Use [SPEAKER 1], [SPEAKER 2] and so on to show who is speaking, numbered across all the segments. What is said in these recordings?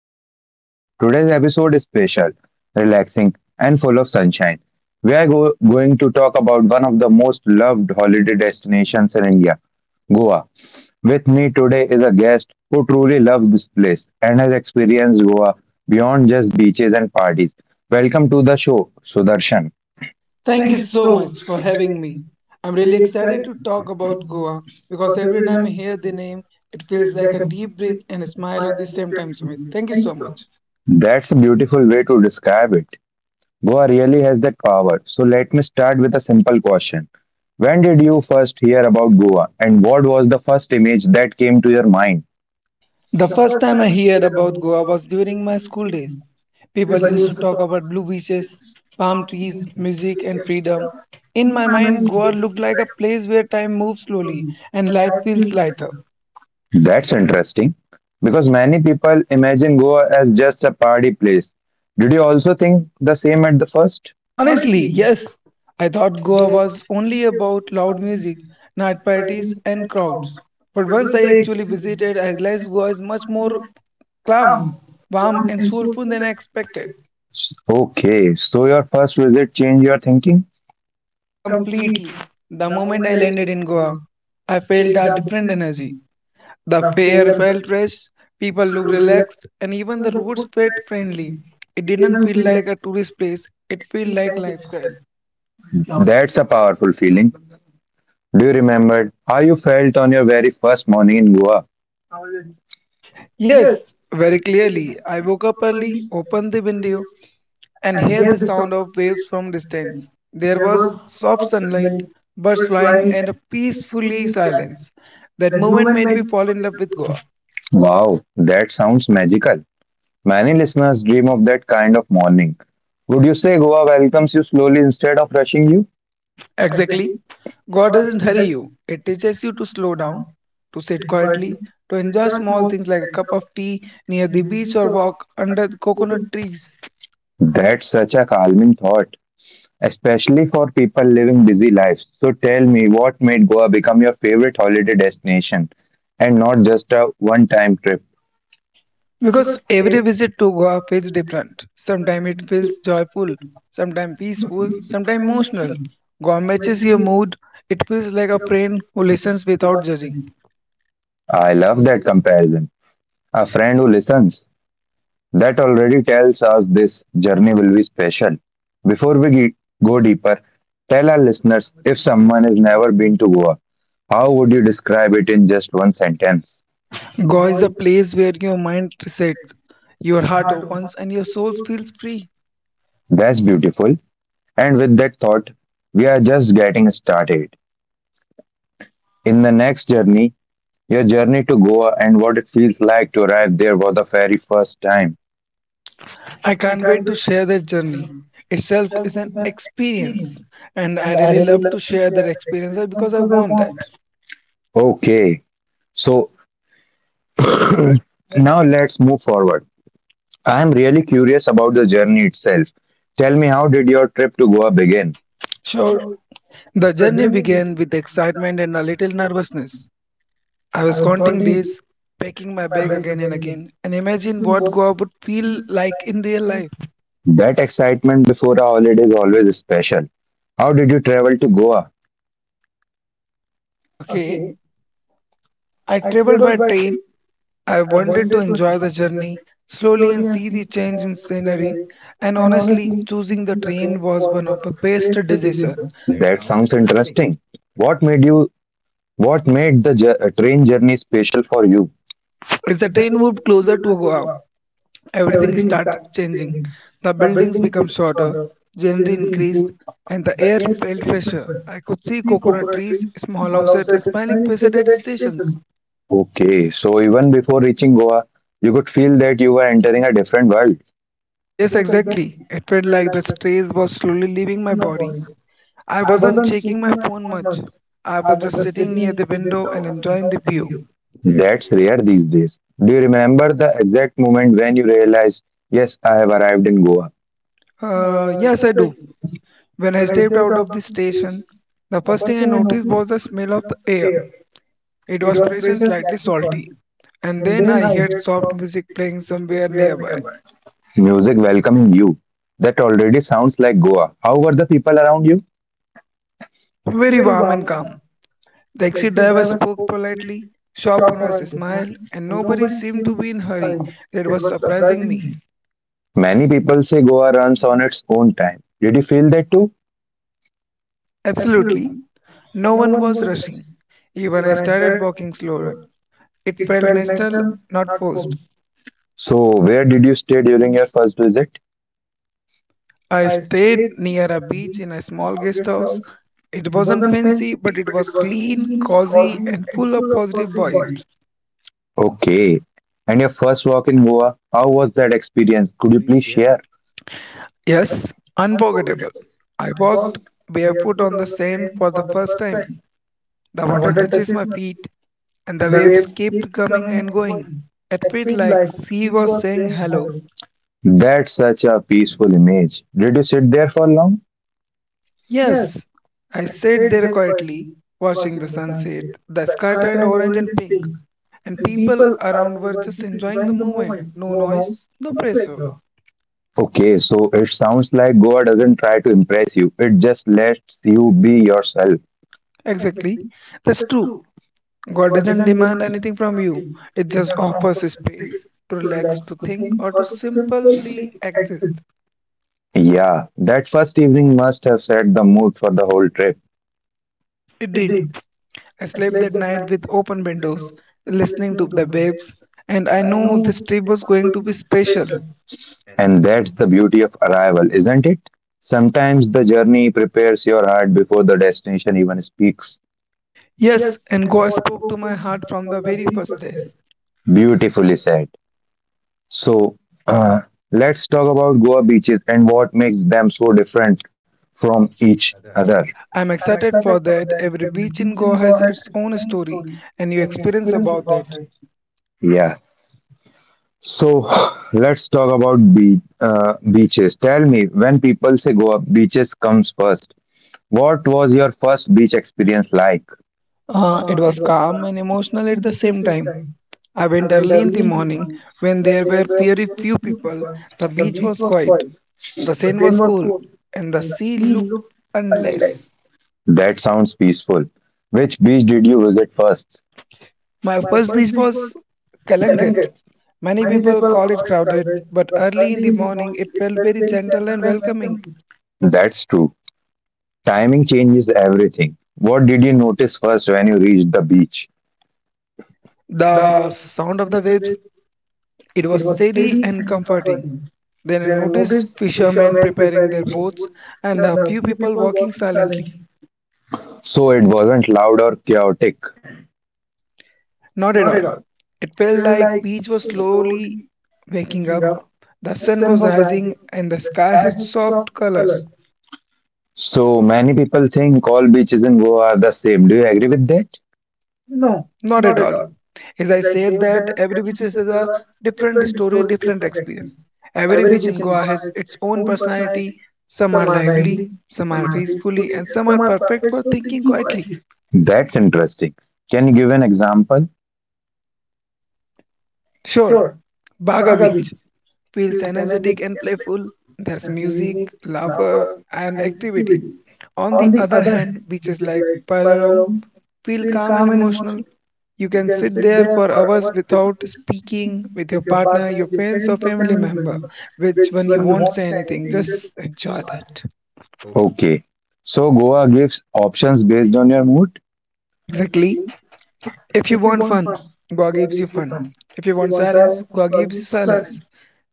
[SPEAKER 1] to our channel. Today's episode is special, relaxing and full of sunshine. We are going to talk about one of the most loved holiday destinations in India, Goa. With me today is a guest who truly loves this place and has experienced Goa beyond just beaches and parties. Welcome to the show, Sudarshan.
[SPEAKER 2] Thank you so much for having me. I'm really excited to talk about Goa because every time I hear the name, it feels like a deep breath and a smile at the same time, Sumit. Thank you so much.
[SPEAKER 1] That's a beautiful way to describe it. Goa really has that power. So let me start with a simple question. When did you first hear about Goa and what was the first image that came to your mind?
[SPEAKER 2] The first time I heard about Goa was during my school days. People used to talk about blue beaches, palm trees, music, and freedom. In my mind, Goa looked like a place where time moves slowly and life feels lighter.
[SPEAKER 1] That's interesting because many people imagine Goa as just a party place. Did you also think the same at the first?
[SPEAKER 2] Honestly, yes. I thought Goa was only about loud music, night parties, and crowds. But once I actually visited, I realized Goa is much more calm, warm, and soulful than I expected.
[SPEAKER 1] Okay, so your first visit changed your thinking?
[SPEAKER 2] Completely. The moment I landed in Goa, I felt a different energy. The air felt fresh, people looked relaxed, and even the roads felt friendly. It didn't feel like a tourist place, it felt like lifestyle.
[SPEAKER 1] That's a powerful feeling. Do you remember how you felt on your very first morning in Goa?
[SPEAKER 2] Yes, very clearly. I woke up early, opened the window, and heard the sound of waves from distance. There was soft sunlight, birds flying, and a peacefully silence. That moment made me fall in love with Goa.
[SPEAKER 1] Wow, that sounds magical. Many listeners dream of that kind of morning. Would you say Goa welcomes you slowly instead of rushing you?
[SPEAKER 2] Exactly. God doesn't hurry you. It teaches you to slow down, to sit quietly, to enjoy small things like a cup of tea near the beach or walk under coconut trees.
[SPEAKER 1] That's such a calming thought, especially for people living busy lives. So tell me, what made Goa become your favorite holiday destination and not just a one time trip?
[SPEAKER 2] Because every visit to Goa feels different. Sometimes it feels joyful, sometimes peaceful, sometimes emotional. Goa matches your mood. It feels like a friend who listens without judging.
[SPEAKER 1] I love that comparison. A friend who listens. That already tells us this journey will be special. Before we ge- go deeper, tell our listeners if someone has never been to Goa, how would you describe it in just one sentence?
[SPEAKER 2] Goa is a place where your mind resets, your heart opens, and your soul feels free.
[SPEAKER 1] That's beautiful. And with that thought, we are just getting started. In the next journey, your journey to Goa and what it feels like to arrive there for the very first time.
[SPEAKER 2] I can't wait to share that journey. Itself is an experience, and I really love to share that experience because I want that.
[SPEAKER 1] Okay, so now let's move forward. I'm really curious about the journey itself. Tell me, how did your trip to Goa begin?
[SPEAKER 2] Sure, the journey began with excitement and a little nervousness. I was counting days, packing my bag again and again, and imagine what Goa would feel like in real life.
[SPEAKER 1] That excitement before a holiday is always special. How did you travel to Goa?
[SPEAKER 2] Okay, I traveled by train. I wanted to enjoy the journey slowly and see the change in scenery. And honestly, choosing the train was one of the best decisions.
[SPEAKER 1] That sounds interesting. What made you? What made the train journey special for you?
[SPEAKER 2] As the train moved closer to Goa, everything started changing. The buildings became shorter, generally increased, and the air felt fresher. I could see coconut trees, small houses, and smiling faces at stations.
[SPEAKER 1] Okay, so even before reaching Goa, you could feel that you were entering a different world.
[SPEAKER 2] Yes, exactly. It felt like the stress was slowly leaving my body. I wasn't checking my phone much. I was just sitting near the window and enjoying the view.
[SPEAKER 1] That's rare these days. Do you remember the exact moment when you realized, yes, I have arrived in Goa?
[SPEAKER 2] Yes, I do. When I stepped out of the station, the first thing I noticed was the smell of the air. It was fresh and slightly salty. And then I heard soft music playing somewhere nearby,
[SPEAKER 1] Music welcoming you. That already sounds like Goa. How were the people around you?
[SPEAKER 2] very warm and calm. The taxi driver spoke politely, shop owners smiled, and nobody seemed to be in hurry. That was surprising me.
[SPEAKER 1] Many people say Goa runs on its own time. Did you feel that too?
[SPEAKER 2] Absolutely. No one was rushing. Even I started walking slower. It felt natural, not forced.
[SPEAKER 1] So, where did you stay during your first visit?
[SPEAKER 2] I stayed near a beach in a small guest house. It wasn't fancy, but it was clean, cozy, and full of positive vibes.
[SPEAKER 1] Okay. And your first walk in Goa, how was that experience? Could you please share?
[SPEAKER 2] Yes, unforgettable. I walked barefoot on the sand for the first time. The water touches my feet, and the waves kept coming and going. It felt like sea was saying hello.
[SPEAKER 1] That's such a peaceful image. Did you sit there for long?
[SPEAKER 2] Yes, I sat there quietly, watching the sunset. The sky turned orange and pink, and people around were just enjoying the moment. No noise, no pressure.
[SPEAKER 1] Okay, so it sounds like Goa doesn't try to impress you, it just lets you be yourself.
[SPEAKER 2] Exactly. That's true. God doesn't demand anything from you, it just offers space to relax, to think, or to simply exist.
[SPEAKER 1] Yeah, that first evening must have set the mood for the whole trip.
[SPEAKER 2] It did. I slept that night with open windows, listening to the waves, and I knew this trip was going to be special.
[SPEAKER 1] And that's the beauty of arrival, isn't it? Sometimes the journey prepares your heart before the destination even speaks.
[SPEAKER 2] Yes, and God spoke to my heart from the very first day.
[SPEAKER 1] Beautifully said. So, let's talk about Goa beaches and what makes them so different from each other.
[SPEAKER 2] I'm excited for that. Every beach in Goa has its own story and new experience about that.
[SPEAKER 1] Yeah. So, let's talk about beaches. Tell me, when people say Goa, beaches comes first. What was your first beach experience like?
[SPEAKER 2] It was calm and emotional at the same time. I went early in the morning when there were very few people. The beach was quiet, the sand was cool, and the sea looked endless.
[SPEAKER 1] That sounds peaceful. Which beach did you visit first?
[SPEAKER 2] My first beach was Kalangat. Many people call it crowded, but early in the morning it felt very gentle and welcoming.
[SPEAKER 1] That's true. Timing changes everything. What did you notice first when you reached the beach?
[SPEAKER 2] The sound of the waves it was steady and comforting. Then I noticed fishermen preparing their boats and a few people walking silently.
[SPEAKER 1] So it wasn't loud or chaotic.
[SPEAKER 2] Not at all. It felt like beach was slowly waking up. The sun was rising and the sky had soft colors.
[SPEAKER 1] So many people think all beaches in Goa are the same. Do you agree with that?
[SPEAKER 2] No, not at all. As I said that every beach is a different story, different experience. Every beach in Goa has its own personality. Some are lively, some are peacefully, and some are perfect for thinking quietly.
[SPEAKER 1] That's interesting. Can you give an example?
[SPEAKER 2] Sure, Baga Beach feels energetic and playful. There's music, laughter, and activity. On the other hand, beaches like Palarong feel calm and emotional. You can sit there for hours without speaking with your partner, your friends, or family member, which when you won't say anything, just enjoy that.
[SPEAKER 1] Okay. So Goa gives options based on your mood?
[SPEAKER 2] Exactly. If you want fun, Goa gives you fun. If you want silence, Goa gives you silence.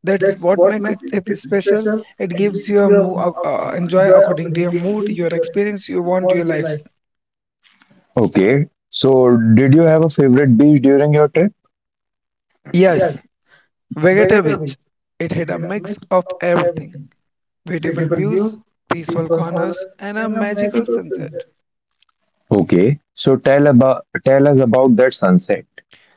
[SPEAKER 2] That's what makes special. It gives you a enjoy according to your mood, your experience you want, your life.
[SPEAKER 1] Okay. So did you have a favorite beach during your trip?
[SPEAKER 2] Yes, Vegeta Beach. It had a mix of everything beautiful views, peaceful corners, and a magical sunset.
[SPEAKER 1] Okay. So tell us about that sunset.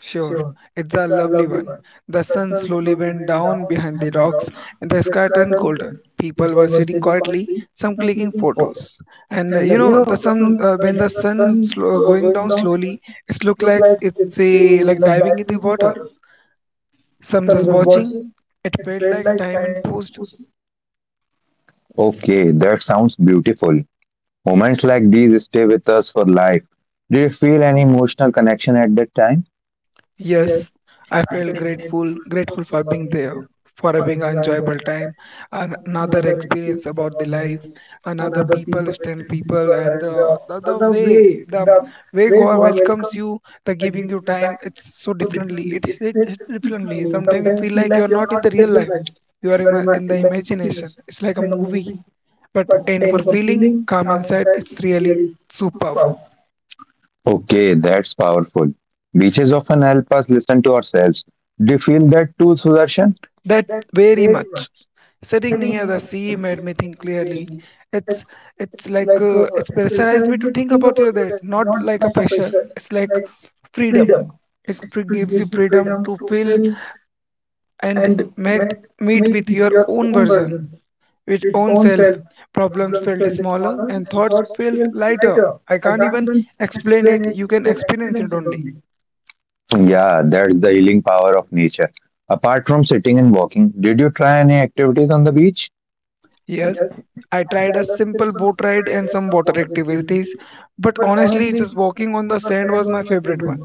[SPEAKER 2] Sure, it's a lovely one. The sun slowly went down behind the rocks and the sky turned golden. People were sitting quietly, some clicking photos. And you know, the sun when the sun slow, going down slowly, it looked like it's a like diving in the water. Some just watching. It felt like time and paused.
[SPEAKER 1] Okay, that sounds beautiful. Moments like these stay with us for life. Do you feel any emotional connection at that time?
[SPEAKER 2] Yes, I felt grateful, grateful for being there, for having an enjoyable time, and another experience about the life, another people, stand people, and the way the way God welcomes you, the giving you time, it's so differently. It hits differently. Sometimes you feel like you're not in the real life. You are in the imagination. It's like a movie, but and for feeling calm inside, it's really superb.
[SPEAKER 1] Okay, that's powerful. Beaches often help us listen to ourselves. Do you feel that too, Sudarshan?
[SPEAKER 2] That very much. Sitting near the sea made me think clearly. It's it's like it's pressurized me to think about you that not like a pressure. It's like freedom. It gives you freedom to feel and met meet with your own version, with own self. Problems felt smaller and thoughts felt lighter. I can't even explain it. You can experience it only.
[SPEAKER 1] Yeah, that's the healing power of nature. Apart from sitting and walking, did you try any activities on the beach?
[SPEAKER 2] Yes, I tried a simple boat ride and some water activities, but honestly, just walking on the sand was my favorite one.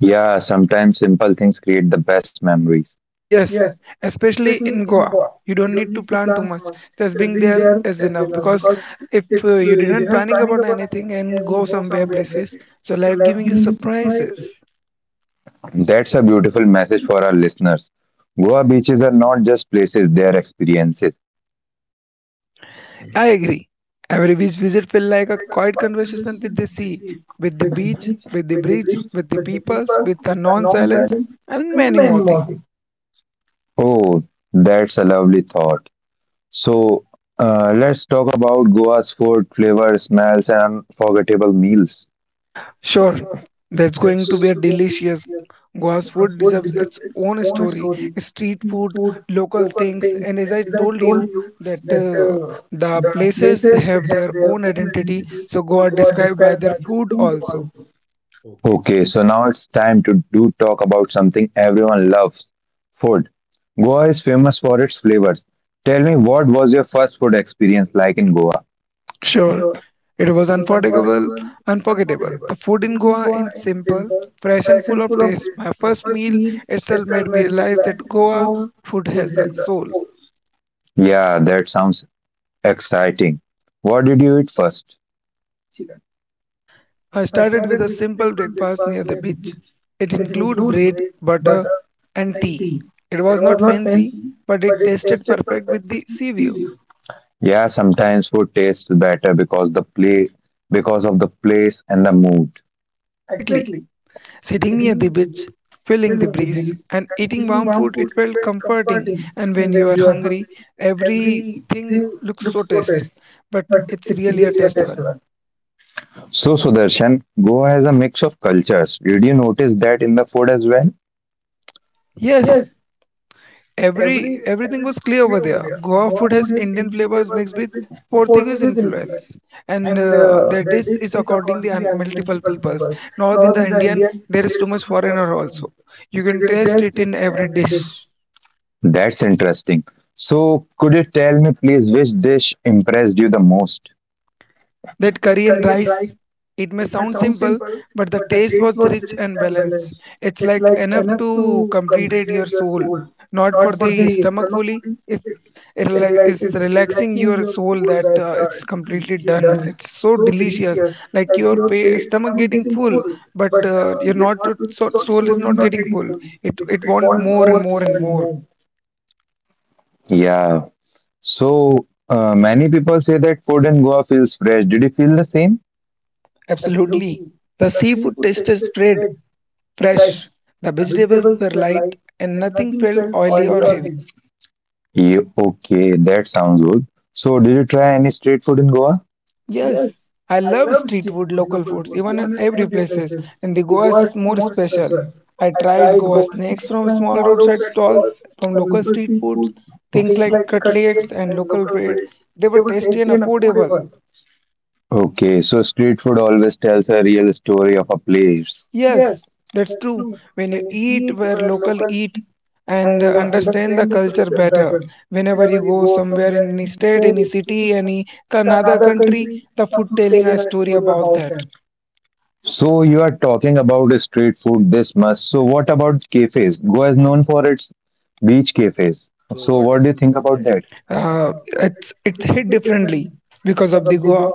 [SPEAKER 1] Yeah, sometimes simple things create the best memories.
[SPEAKER 2] Yes, especially in Goa. You don't need to plan too much. Just being there is enough because if you didn't planning about anything and go somewhere places, so life giving you surprises.
[SPEAKER 1] That's a beautiful message for our listeners. Goa beaches are not just places, they are experiences.
[SPEAKER 2] I agree. Every beach visit feel like a quiet conversation with the sea, with the beach, with the bridge, with the peoples, with the non-silence, and many more things.
[SPEAKER 1] Oh, that's a lovely thought. So, let's talk about Goa's food, flavor, smells, and unforgettable meals.
[SPEAKER 2] Sure, that's going to be a delicious. Goa's food deserves its own story. Street food, local things, and as I told you that the places have their own identity, so Goa are described by their food also.
[SPEAKER 1] Okay, so now it's time to do talk about something everyone loves, food. Goa is famous for its flavors. Tell me, what was your first food experience like in Goa?
[SPEAKER 2] Sure, it was unforgettable. The food in Goa is simple, fresh, and full of taste. My first meal itself made me realize that Goa food has a soul.
[SPEAKER 1] Yeah, that sounds exciting. What did you eat first?
[SPEAKER 2] I started with a simple breakfast near the beach. It included bread, butter, and tea. It was not fancy, but it tasted perfect with the sea view.
[SPEAKER 1] Yeah, sometimes food tastes better because of the place and the mood.
[SPEAKER 2] Exactly. Sitting near the beach, feeling the breeze, and eating warm food, it felt comforting. And when you are hungry, everything looks so taste, but it's really a taste one.
[SPEAKER 1] So, Sudarshan, Goa has a mix of cultures. Did you notice that in the food as well?
[SPEAKER 2] Yes, everything was clear over there. Goa food has Indian flavors mixed with Portuguese influence, and the dish is according the multiple peoples. North in the Indian, there is too much foreigner also. You can taste it in every dish.
[SPEAKER 1] That's interesting. So, could you tell me, please, which dish impressed you the most?
[SPEAKER 2] That curry and rice. It may sound simple, but the taste was rich and balanced. It's like enough to completed your soul, not for the stomach fully. It's relaxing your soul that it's completely done. It's so delicious, like your stomach getting full, but you're not so, soul is not getting full. It want more and more and more.
[SPEAKER 1] Yeah. So, many people say that food in Goa feels fresh. Did you feel the same?
[SPEAKER 2] Absolutely, the seafood taste is spread fresh. The vegetables were light and nothing felt oily or heavy.
[SPEAKER 1] Yeah, okay, that sounds good. So, did you try any street food in Goa?
[SPEAKER 2] Yes, I love street food, local foods, even in every places, and the Goa is more special. I tried Goa snacks from small roadside stalls, from local street foods, things like cutlets and local bread. They were tasty and affordable.
[SPEAKER 1] Okay, so street food always tells a real story of a place.
[SPEAKER 2] Yes, that's true. When you eat where local eat and understand the culture better, whenever you go somewhere in any state, any city, any another country, the food telling a story about that.
[SPEAKER 1] So you are talking about street food this much. So what about cafes? Goa is known for its beach cafes. So what do you think about that?
[SPEAKER 2] It's hit differently because of the Goa.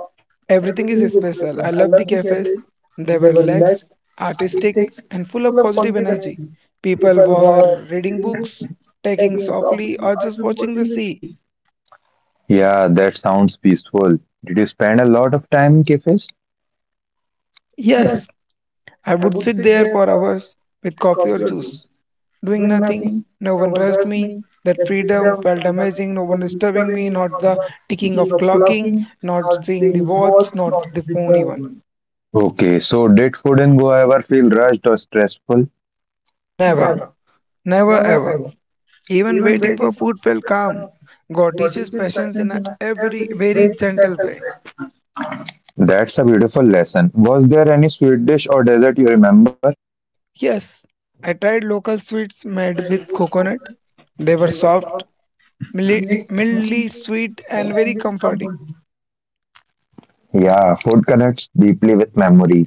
[SPEAKER 2] Everything is special. I love the cafes. They were relaxed, artistic, and full of positive energy. People were reading books, taking softly, or just watching the sea.
[SPEAKER 1] Yeah, that sounds peaceful. Did you spend a lot of time in cafes?
[SPEAKER 2] Yes, I would sit there for hours with coffee or juice, doing nothing. No one rushed me. That freedom felt amazing. No one disturbing me, not the ticking of clocking, not seeing the watch, not the phone even.
[SPEAKER 1] Okay, so did food in Goa ever feel rushed or stressful?
[SPEAKER 2] Never, never ever. Even waiting for food felt calm. God teaches patience in a every very gentle way.
[SPEAKER 1] That's a beautiful lesson. Was there any sweet dish or dessert you remember?
[SPEAKER 2] Yes, I tried local sweets made with coconut. They were soft, milli, mildly sweet, and very comforting.
[SPEAKER 1] Yeah, food connects deeply with memories.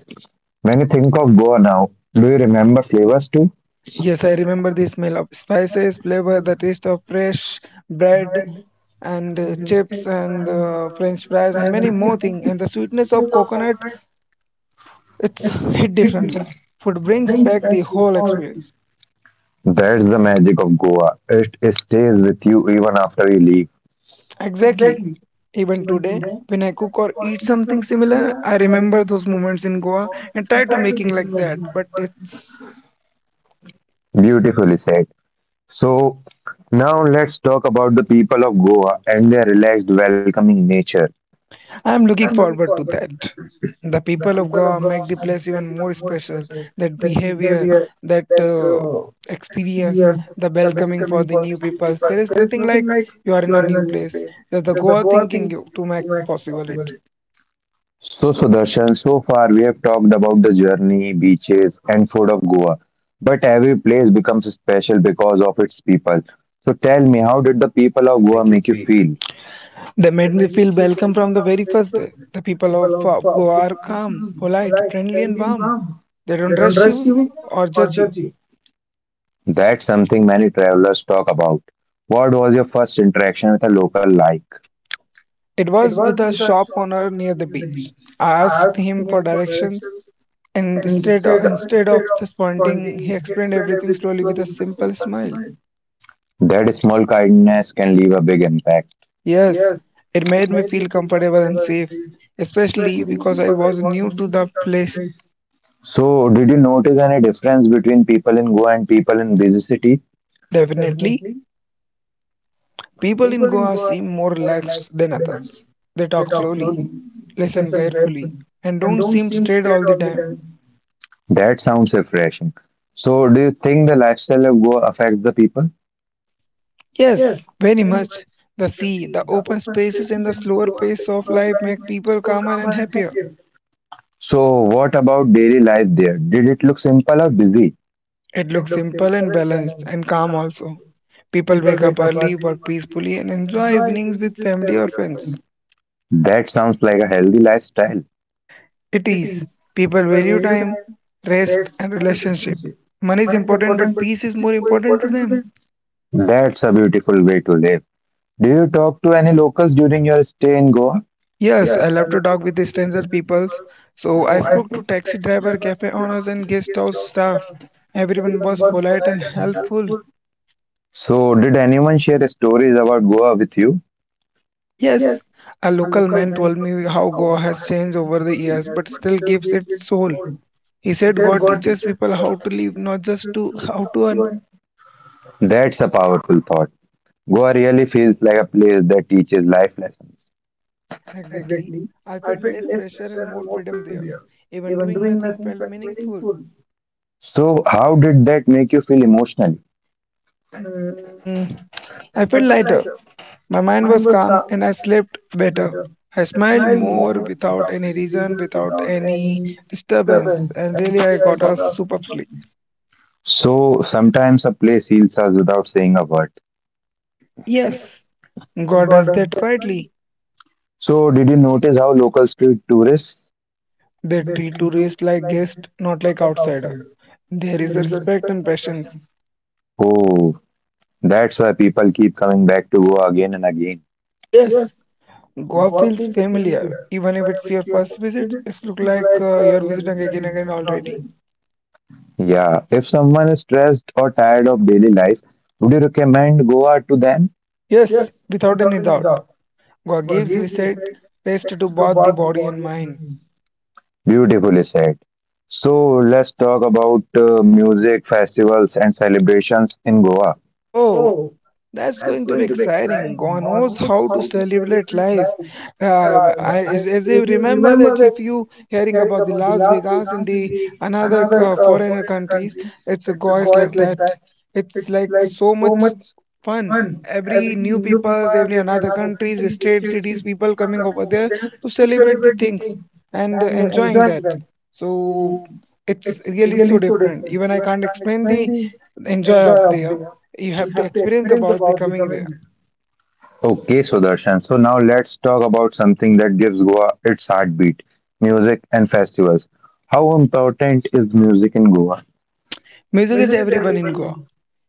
[SPEAKER 1] When you think of Goa now, do you remember flavors too?
[SPEAKER 2] Yes, I remember the smell of spices, flavor, the taste of fresh bread and chips and french fries and many more things. And the sweetness of coconut, it's hit differently. Food brings back the whole experience.
[SPEAKER 1] That's the magic of Goa. It stays with you even after you leave.
[SPEAKER 2] Exactly. Even today, when I cook or eat something similar, I remember those moments in Goa and try to making like that. But it's
[SPEAKER 1] Beautifully said. So, now let's talk about the people of Goa and their relaxed, welcoming nature.
[SPEAKER 2] I'm looking forward to that. The people of Goa make the place even more special. That behavior, that experience, the welcoming for the new peoples. There is nothing like you are in a new place. Just the Goa thinking you to make possible it.
[SPEAKER 1] So, Sudarshan, so far we have talked about the journey, beaches, and food of Goa. But every place becomes special because of its people. So, tell me, how did the people of Goa make you feel?
[SPEAKER 2] They made me feel welcome from the very first day. The people of Goa are calm, polite, friendly, and warm. They don't rush you or judge you.
[SPEAKER 1] That's something many travelers talk about. What was your first interaction with a local like?
[SPEAKER 2] It was with a shop owner near the beach. I asked him for directions. And instead of just pointing, he explained everything slowly with a simple smile.
[SPEAKER 1] That small kindness can leave a big impact.
[SPEAKER 2] Yes, it made me feel comfortable and safe, especially because I was new to the place.
[SPEAKER 1] So, did you notice any difference between people in Goa and people in busy cities?
[SPEAKER 2] Definitely, people in Goa seem more relaxed than others. They talk slowly, listen carefully, and don't seem straight all the time.
[SPEAKER 1] That sounds refreshing. So, do you think the lifestyle of Goa affects the people?
[SPEAKER 2] Yes, very much. The sea, the open spaces, and the slower pace of life make people calmer and happier.
[SPEAKER 1] So, what about daily life there? Did it look simple or busy?
[SPEAKER 2] It looks simple and balanced and calm also. People wake up early, work peacefully, and enjoy evenings with family or friends.
[SPEAKER 1] That sounds like a healthy lifestyle.
[SPEAKER 2] It is. People value time, rest, and relationship. Money is important, but peace is more important to them.
[SPEAKER 1] That's a beautiful way to live. Do you talk to any locals during your stay in Goa?
[SPEAKER 2] Yes, I love to talk with the stranger peoples. So I spoke to taxi driver, cafe owners, and guest house staff. Everyone was polite and helpful.
[SPEAKER 1] So, did anyone share stories about Goa with you?
[SPEAKER 2] Yes, a local man told me how Goa has changed over the years, but still gives its soul. He said God teaches people how to live, not just to how to earn.
[SPEAKER 1] That's a powerful thought. Goa really feels like a place that teaches life lessons.
[SPEAKER 2] Exactly. I felt less pressure and more freedom there. Even doing nothing felt meaningful.
[SPEAKER 1] So, how did that make you feel emotionally?
[SPEAKER 2] Mm, I felt lighter. My mind was calm and I slept better. I smiled more without any reason, without any disturbance, and really I got a super sleep.
[SPEAKER 1] So, sometimes a place heals us without saying a word.
[SPEAKER 2] Yes, God does that quietly.
[SPEAKER 1] So, did you notice how locals treat tourists?
[SPEAKER 2] They treat tourists like guests, not like outsider. There is a respect and patience.
[SPEAKER 1] Oh, that's why people keep coming back to Goa again and again.
[SPEAKER 2] Yes, Goa feels familiar, even if it's your first visit. It's look like you're visiting again and again already.
[SPEAKER 1] Yeah, if someone is stressed or tired of daily life, would you recommend Goa to them?
[SPEAKER 2] Yes, without any doubt. Goa gives reset, rest to both the body and mind.
[SPEAKER 1] Beautifully said. So, let's talk about music, festivals, and celebrations in Goa.
[SPEAKER 2] Oh, that's going to be exciting. God knows how to celebrate life. As I remember that if you hearing about the Las Vegas and the another foreigner countries, it's a guys like that. It's like so much fun. Every new peoples, every another countries, state, cities, people coming over there to celebrate the things and enjoying that. So it's really so different. Even I can't explain the enjoy of there you have to experience about the coming there.
[SPEAKER 1] Okay, Sudarshan. So now let's talk about something that gives Goa its heartbeat, music and festivals. How important is music in Goa?
[SPEAKER 2] Music is everyone in Goa.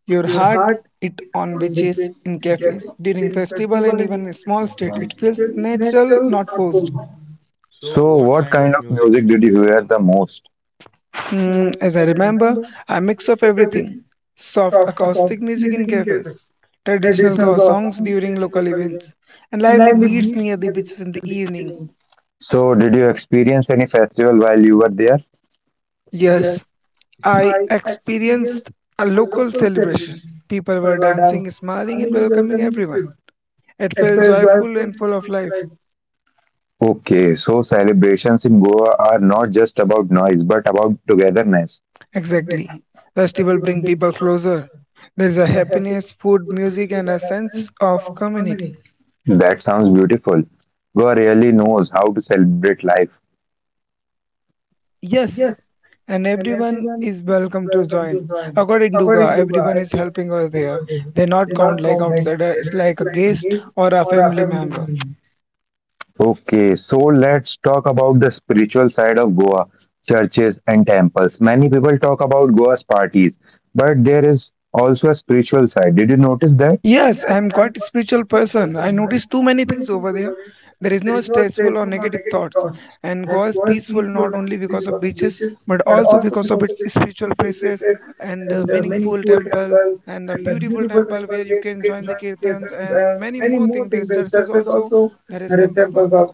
[SPEAKER 2] Your heart it on beaches, in cafes, during festival and even a small street. It feels natural, not forced.
[SPEAKER 1] So what kind of music did you hear the most?
[SPEAKER 2] As I remember, a mix of everything. Soft acoustic music in cafes, traditional Goa songs during local events, and lively beats near the beaches in the evening.
[SPEAKER 1] So did you experience any festival while you were there?
[SPEAKER 2] Yes, I experienced a local celebration. People were dancing, smiling, and welcoming everyone. It feels joyful and full of life.
[SPEAKER 1] Okay, so celebrations in Goa are not just about noise, but about togetherness.
[SPEAKER 2] Exactly. Festival bring people closer. There's a happiness, food, music, and a sense of community.
[SPEAKER 1] That sounds beautiful. Goa really knows how to celebrate life.
[SPEAKER 2] Yes, and everyone is welcome to join. According to Ga, everyone is helping us there. They not count like outsider. It's like a guest or a family member.
[SPEAKER 1] Okay, so let's talk about the spiritual side of Goa, churches and temples. Many people talk about Goa's parties, but there is also a spiritual side. Did you notice that?
[SPEAKER 2] Yes, I'm quite a spiritual person. I notice too many things over there. There is no stressful or negative thoughts. And Goa is peaceful not only because of beaches, but also because of its spiritual places and a meaningful temple and a beautiful temple where you can join the kirtans and many more things. There's churches also, there is temples also.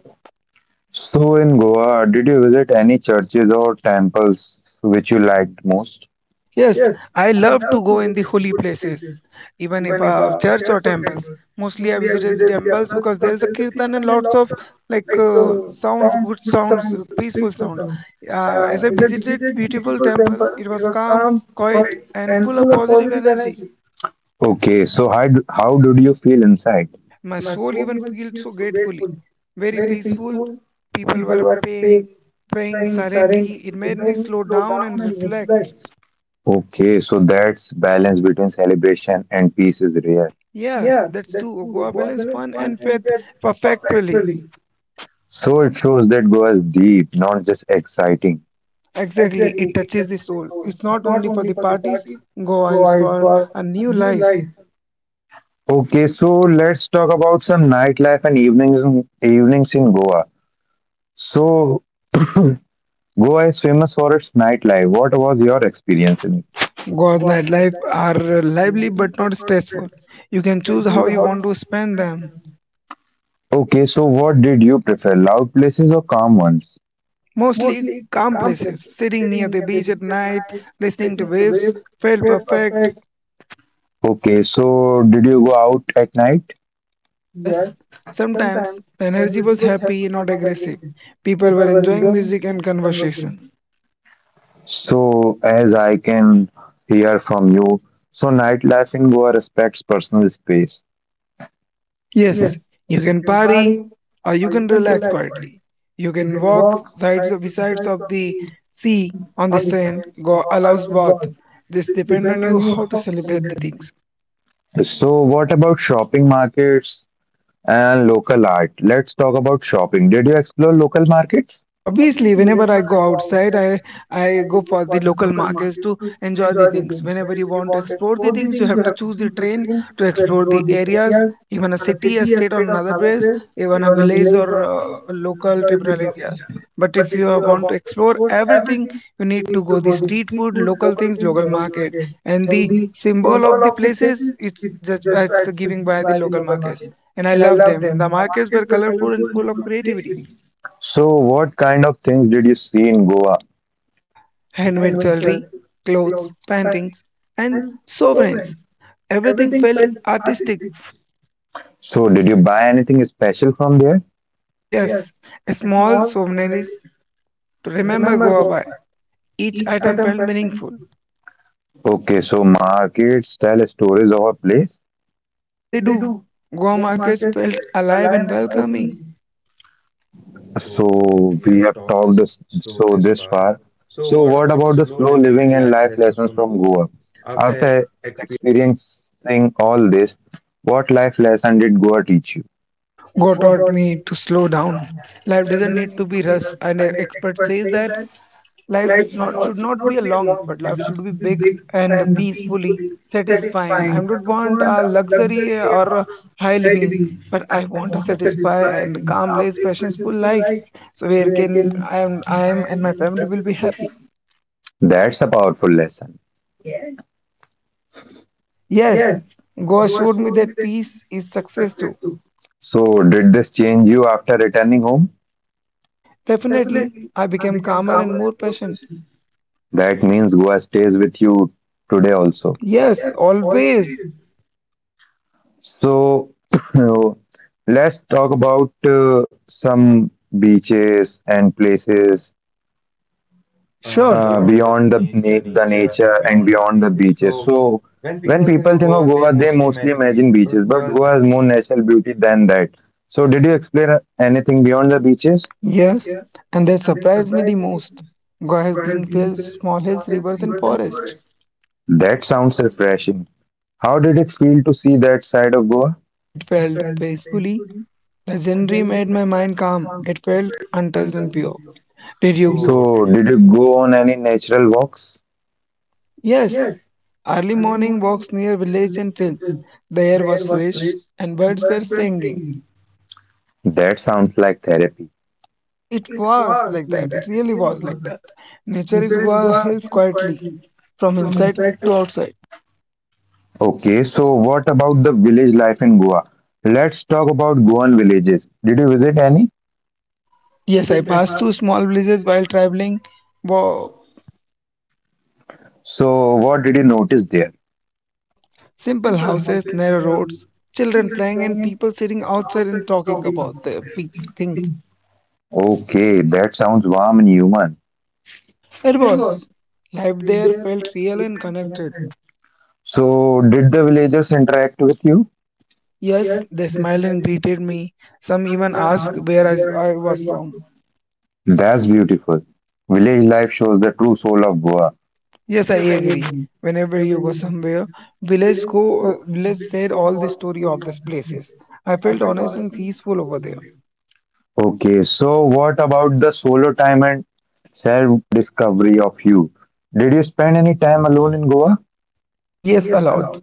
[SPEAKER 1] So in Goa, did you visit any churches or temples which you liked most?
[SPEAKER 2] Yes, I love to go in the holy places, even if church or temples. Mostly, I visited the temples because there is a kirtan and lots of like sounds, good sounds, peaceful sound. As I visited beautiful temple, it was calm, quiet, and full of positive energy.
[SPEAKER 1] Okay, so how did you feel inside?
[SPEAKER 2] My soul even felt so gratefully, very peaceful. People were paying, praying silently. It made me slow down and reflect.
[SPEAKER 1] Okay, so that's balance between celebration and peace is rare.
[SPEAKER 2] Yes, that's true. Goa balance fun and faith perfectly.
[SPEAKER 1] So it shows that Goa is deep, not just exciting.
[SPEAKER 2] Exactly, it touches the soul. It's not only for the parties, Goa is for a new life.
[SPEAKER 1] Okay, so let's talk about some nightlife and evenings in Goa. So Goa is famous for its nightlife. What was your experience in it?
[SPEAKER 2] Goa's nightlife are lively but not stressful. You can choose how you want to spend them.
[SPEAKER 1] Okay, so what did you prefer, loud places or calm ones?
[SPEAKER 2] Mostly calm places, sitting near the beach at night, listening to waves, felt perfect.
[SPEAKER 1] Okay, so did you go out at night?
[SPEAKER 2] Yes, sometimes the energy was happy, not aggressive. People were enjoying music and conversation.
[SPEAKER 1] So as I can hear from you, so nightlife in Goa respects personal space.
[SPEAKER 2] Yes, you can party or you can relax quietly. You can walk sides of besides of the sea on the sand go allows both. This depend on you how to celebrate the things.
[SPEAKER 1] So what about shopping markets and local art? Let's talk about shopping. Did you explore local markets?
[SPEAKER 2] Obviously, whenever I go outside, I go for the local markets to enjoy the things. Whenever you want to explore the things, you have to choose the train to explore the areas, even a city, a state, or another place, even a village or local tribal areas. But if you want to explore everything, you need to go the street food, local things, local market, and the symbol of the places it's just it's giving by the local markets, and I love them. The markets were colorful and full of creativity.
[SPEAKER 1] So, what kind of things did you see in Goa?
[SPEAKER 2] Handmade jewelry, clothes, paintings, and sovereigns. Everything felt artistic.
[SPEAKER 1] So, did you buy anything special from there?
[SPEAKER 2] Yes, a small souvenirs to remember Goa by. Each item felt meaningful.
[SPEAKER 1] Okay, so markets tell stories of a place.
[SPEAKER 2] They do. Goa markets felt alive and welcoming.
[SPEAKER 1] So, we have talked this, so this far. So, what about the slow living and life lessons from Goa? After experiencing all this, what life lesson did Goa teach you?
[SPEAKER 2] Goa taught me to slow down. Life doesn't need to be rushed, and an expert says that life not should not be a long, but life should be big and peacefully satisfying. I don't want a luxury or a high living, but I want a satisfied and calm, less passionful life. So where can I am and my family will be happy.
[SPEAKER 1] That's a powerful lesson.
[SPEAKER 2] Yes, God showed me that peace is success too.
[SPEAKER 1] So, did this change you after returning home?
[SPEAKER 2] Definitely, I became calmer and more patient.
[SPEAKER 1] That means Goa stays with you today also.
[SPEAKER 2] Yes, always.
[SPEAKER 1] So let's talk about some beaches and places
[SPEAKER 2] Sure.
[SPEAKER 1] beyond the nature and beyond the beaches. So when people think of Goa, they mostly imagine beaches, but Goa has more natural beauty than that. So did you explain anything beyond the beaches?
[SPEAKER 2] Yes, and that surprised me the most. Goa has green fields, small hills, rivers, and forest.
[SPEAKER 1] That sounds refreshing. How did it feel to see that side of Goa?
[SPEAKER 2] It felt peacefully. The scenery made my mind calm. It felt untouched and pure. Did you?
[SPEAKER 1] So did you go on any natural walks?
[SPEAKER 2] Yes. Early morning walks near village and fields. The air was fresh and birds were singing.
[SPEAKER 1] That sounds like therapy.
[SPEAKER 2] It was like that. It really was like that. Nature is Goa hills quietly, from inside to outside.
[SPEAKER 1] Okay, so what about the village life in Goa? Let's talk about Goan villages. Did you visit any?
[SPEAKER 2] Yes, I passed through small villages while traveling.
[SPEAKER 1] So, what did you notice there?
[SPEAKER 2] Simple houses, narrow roads, children playing, and people sitting outside and talking about their things.
[SPEAKER 1] Okay, that sounds warm and human.
[SPEAKER 2] It was. Life there felt real and connected.
[SPEAKER 1] So, did the villagers interact with you?
[SPEAKER 2] Yes, they smiled and greeted me. Some even asked where I was from.
[SPEAKER 1] That's beautiful. Village life shows the true soul of Goa.
[SPEAKER 2] Yes, I agree. Whenever you go somewhere, village said all the story of these places. I felt honest and peaceful over there.
[SPEAKER 1] Okay, so what about the solo time and self discovery of you? Did you spend any time alone in Goa?
[SPEAKER 2] Yes, a lot.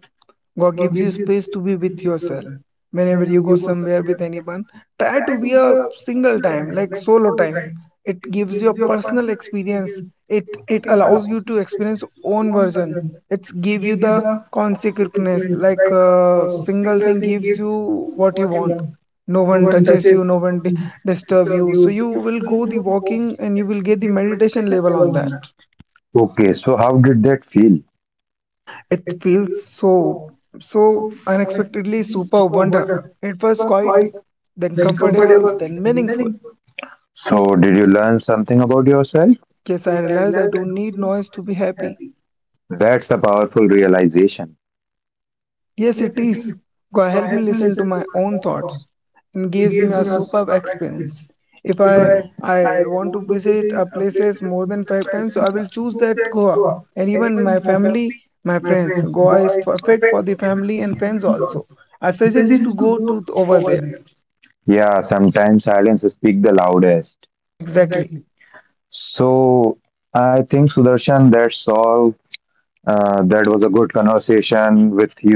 [SPEAKER 2] God gives you space to be with yourself. Whenever you go somewhere with anyone, try to be a single time, like solo time. It gives you a personal experience. It allows you to experience own version. It's give you the consequence, like a single thing gives you what you want. No one touches you, no one di- disturb you. So you will go the walking and you will get the meditation level on that.
[SPEAKER 1] Okay, so how did that feel?
[SPEAKER 2] It feels so, so unexpectedly super wonder. It was quite then comfortable, then meaningful.
[SPEAKER 1] So, did you learn something about yourself?
[SPEAKER 2] Yes, I realize I don't need noise to be happy.
[SPEAKER 1] That's a powerful realization.
[SPEAKER 2] Yes, it is. God help me listen to my own thoughts and gives me a superb experience. If I want to visit a places more than 5 times, so I will choose that Goa. And even my family, my friends, Goa is perfect for the family and friends also. I suggest is to go to over there.
[SPEAKER 1] Yeah, sometimes silence speak the loudest.
[SPEAKER 2] Exactly.
[SPEAKER 1] So I think Sudarshan, that's all. That was a good conversation with you.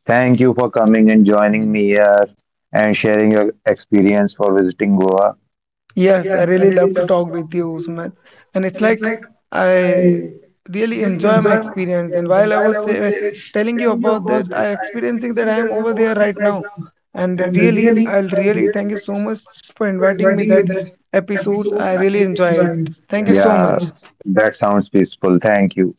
[SPEAKER 1] Thank you for coming and joining me here and sharing your experience for visiting Goa.
[SPEAKER 2] Yes, I really love to talk with you, Usman. And it's like I really enjoy my experience. And while I was telling you about that, I experiencing that I am over there right now. And really, I'll really thank you so much for inviting me that episode. I really enjoy it. Thank you so
[SPEAKER 1] Yeah,
[SPEAKER 2] much.
[SPEAKER 1] that sounds peaceful. Thank you.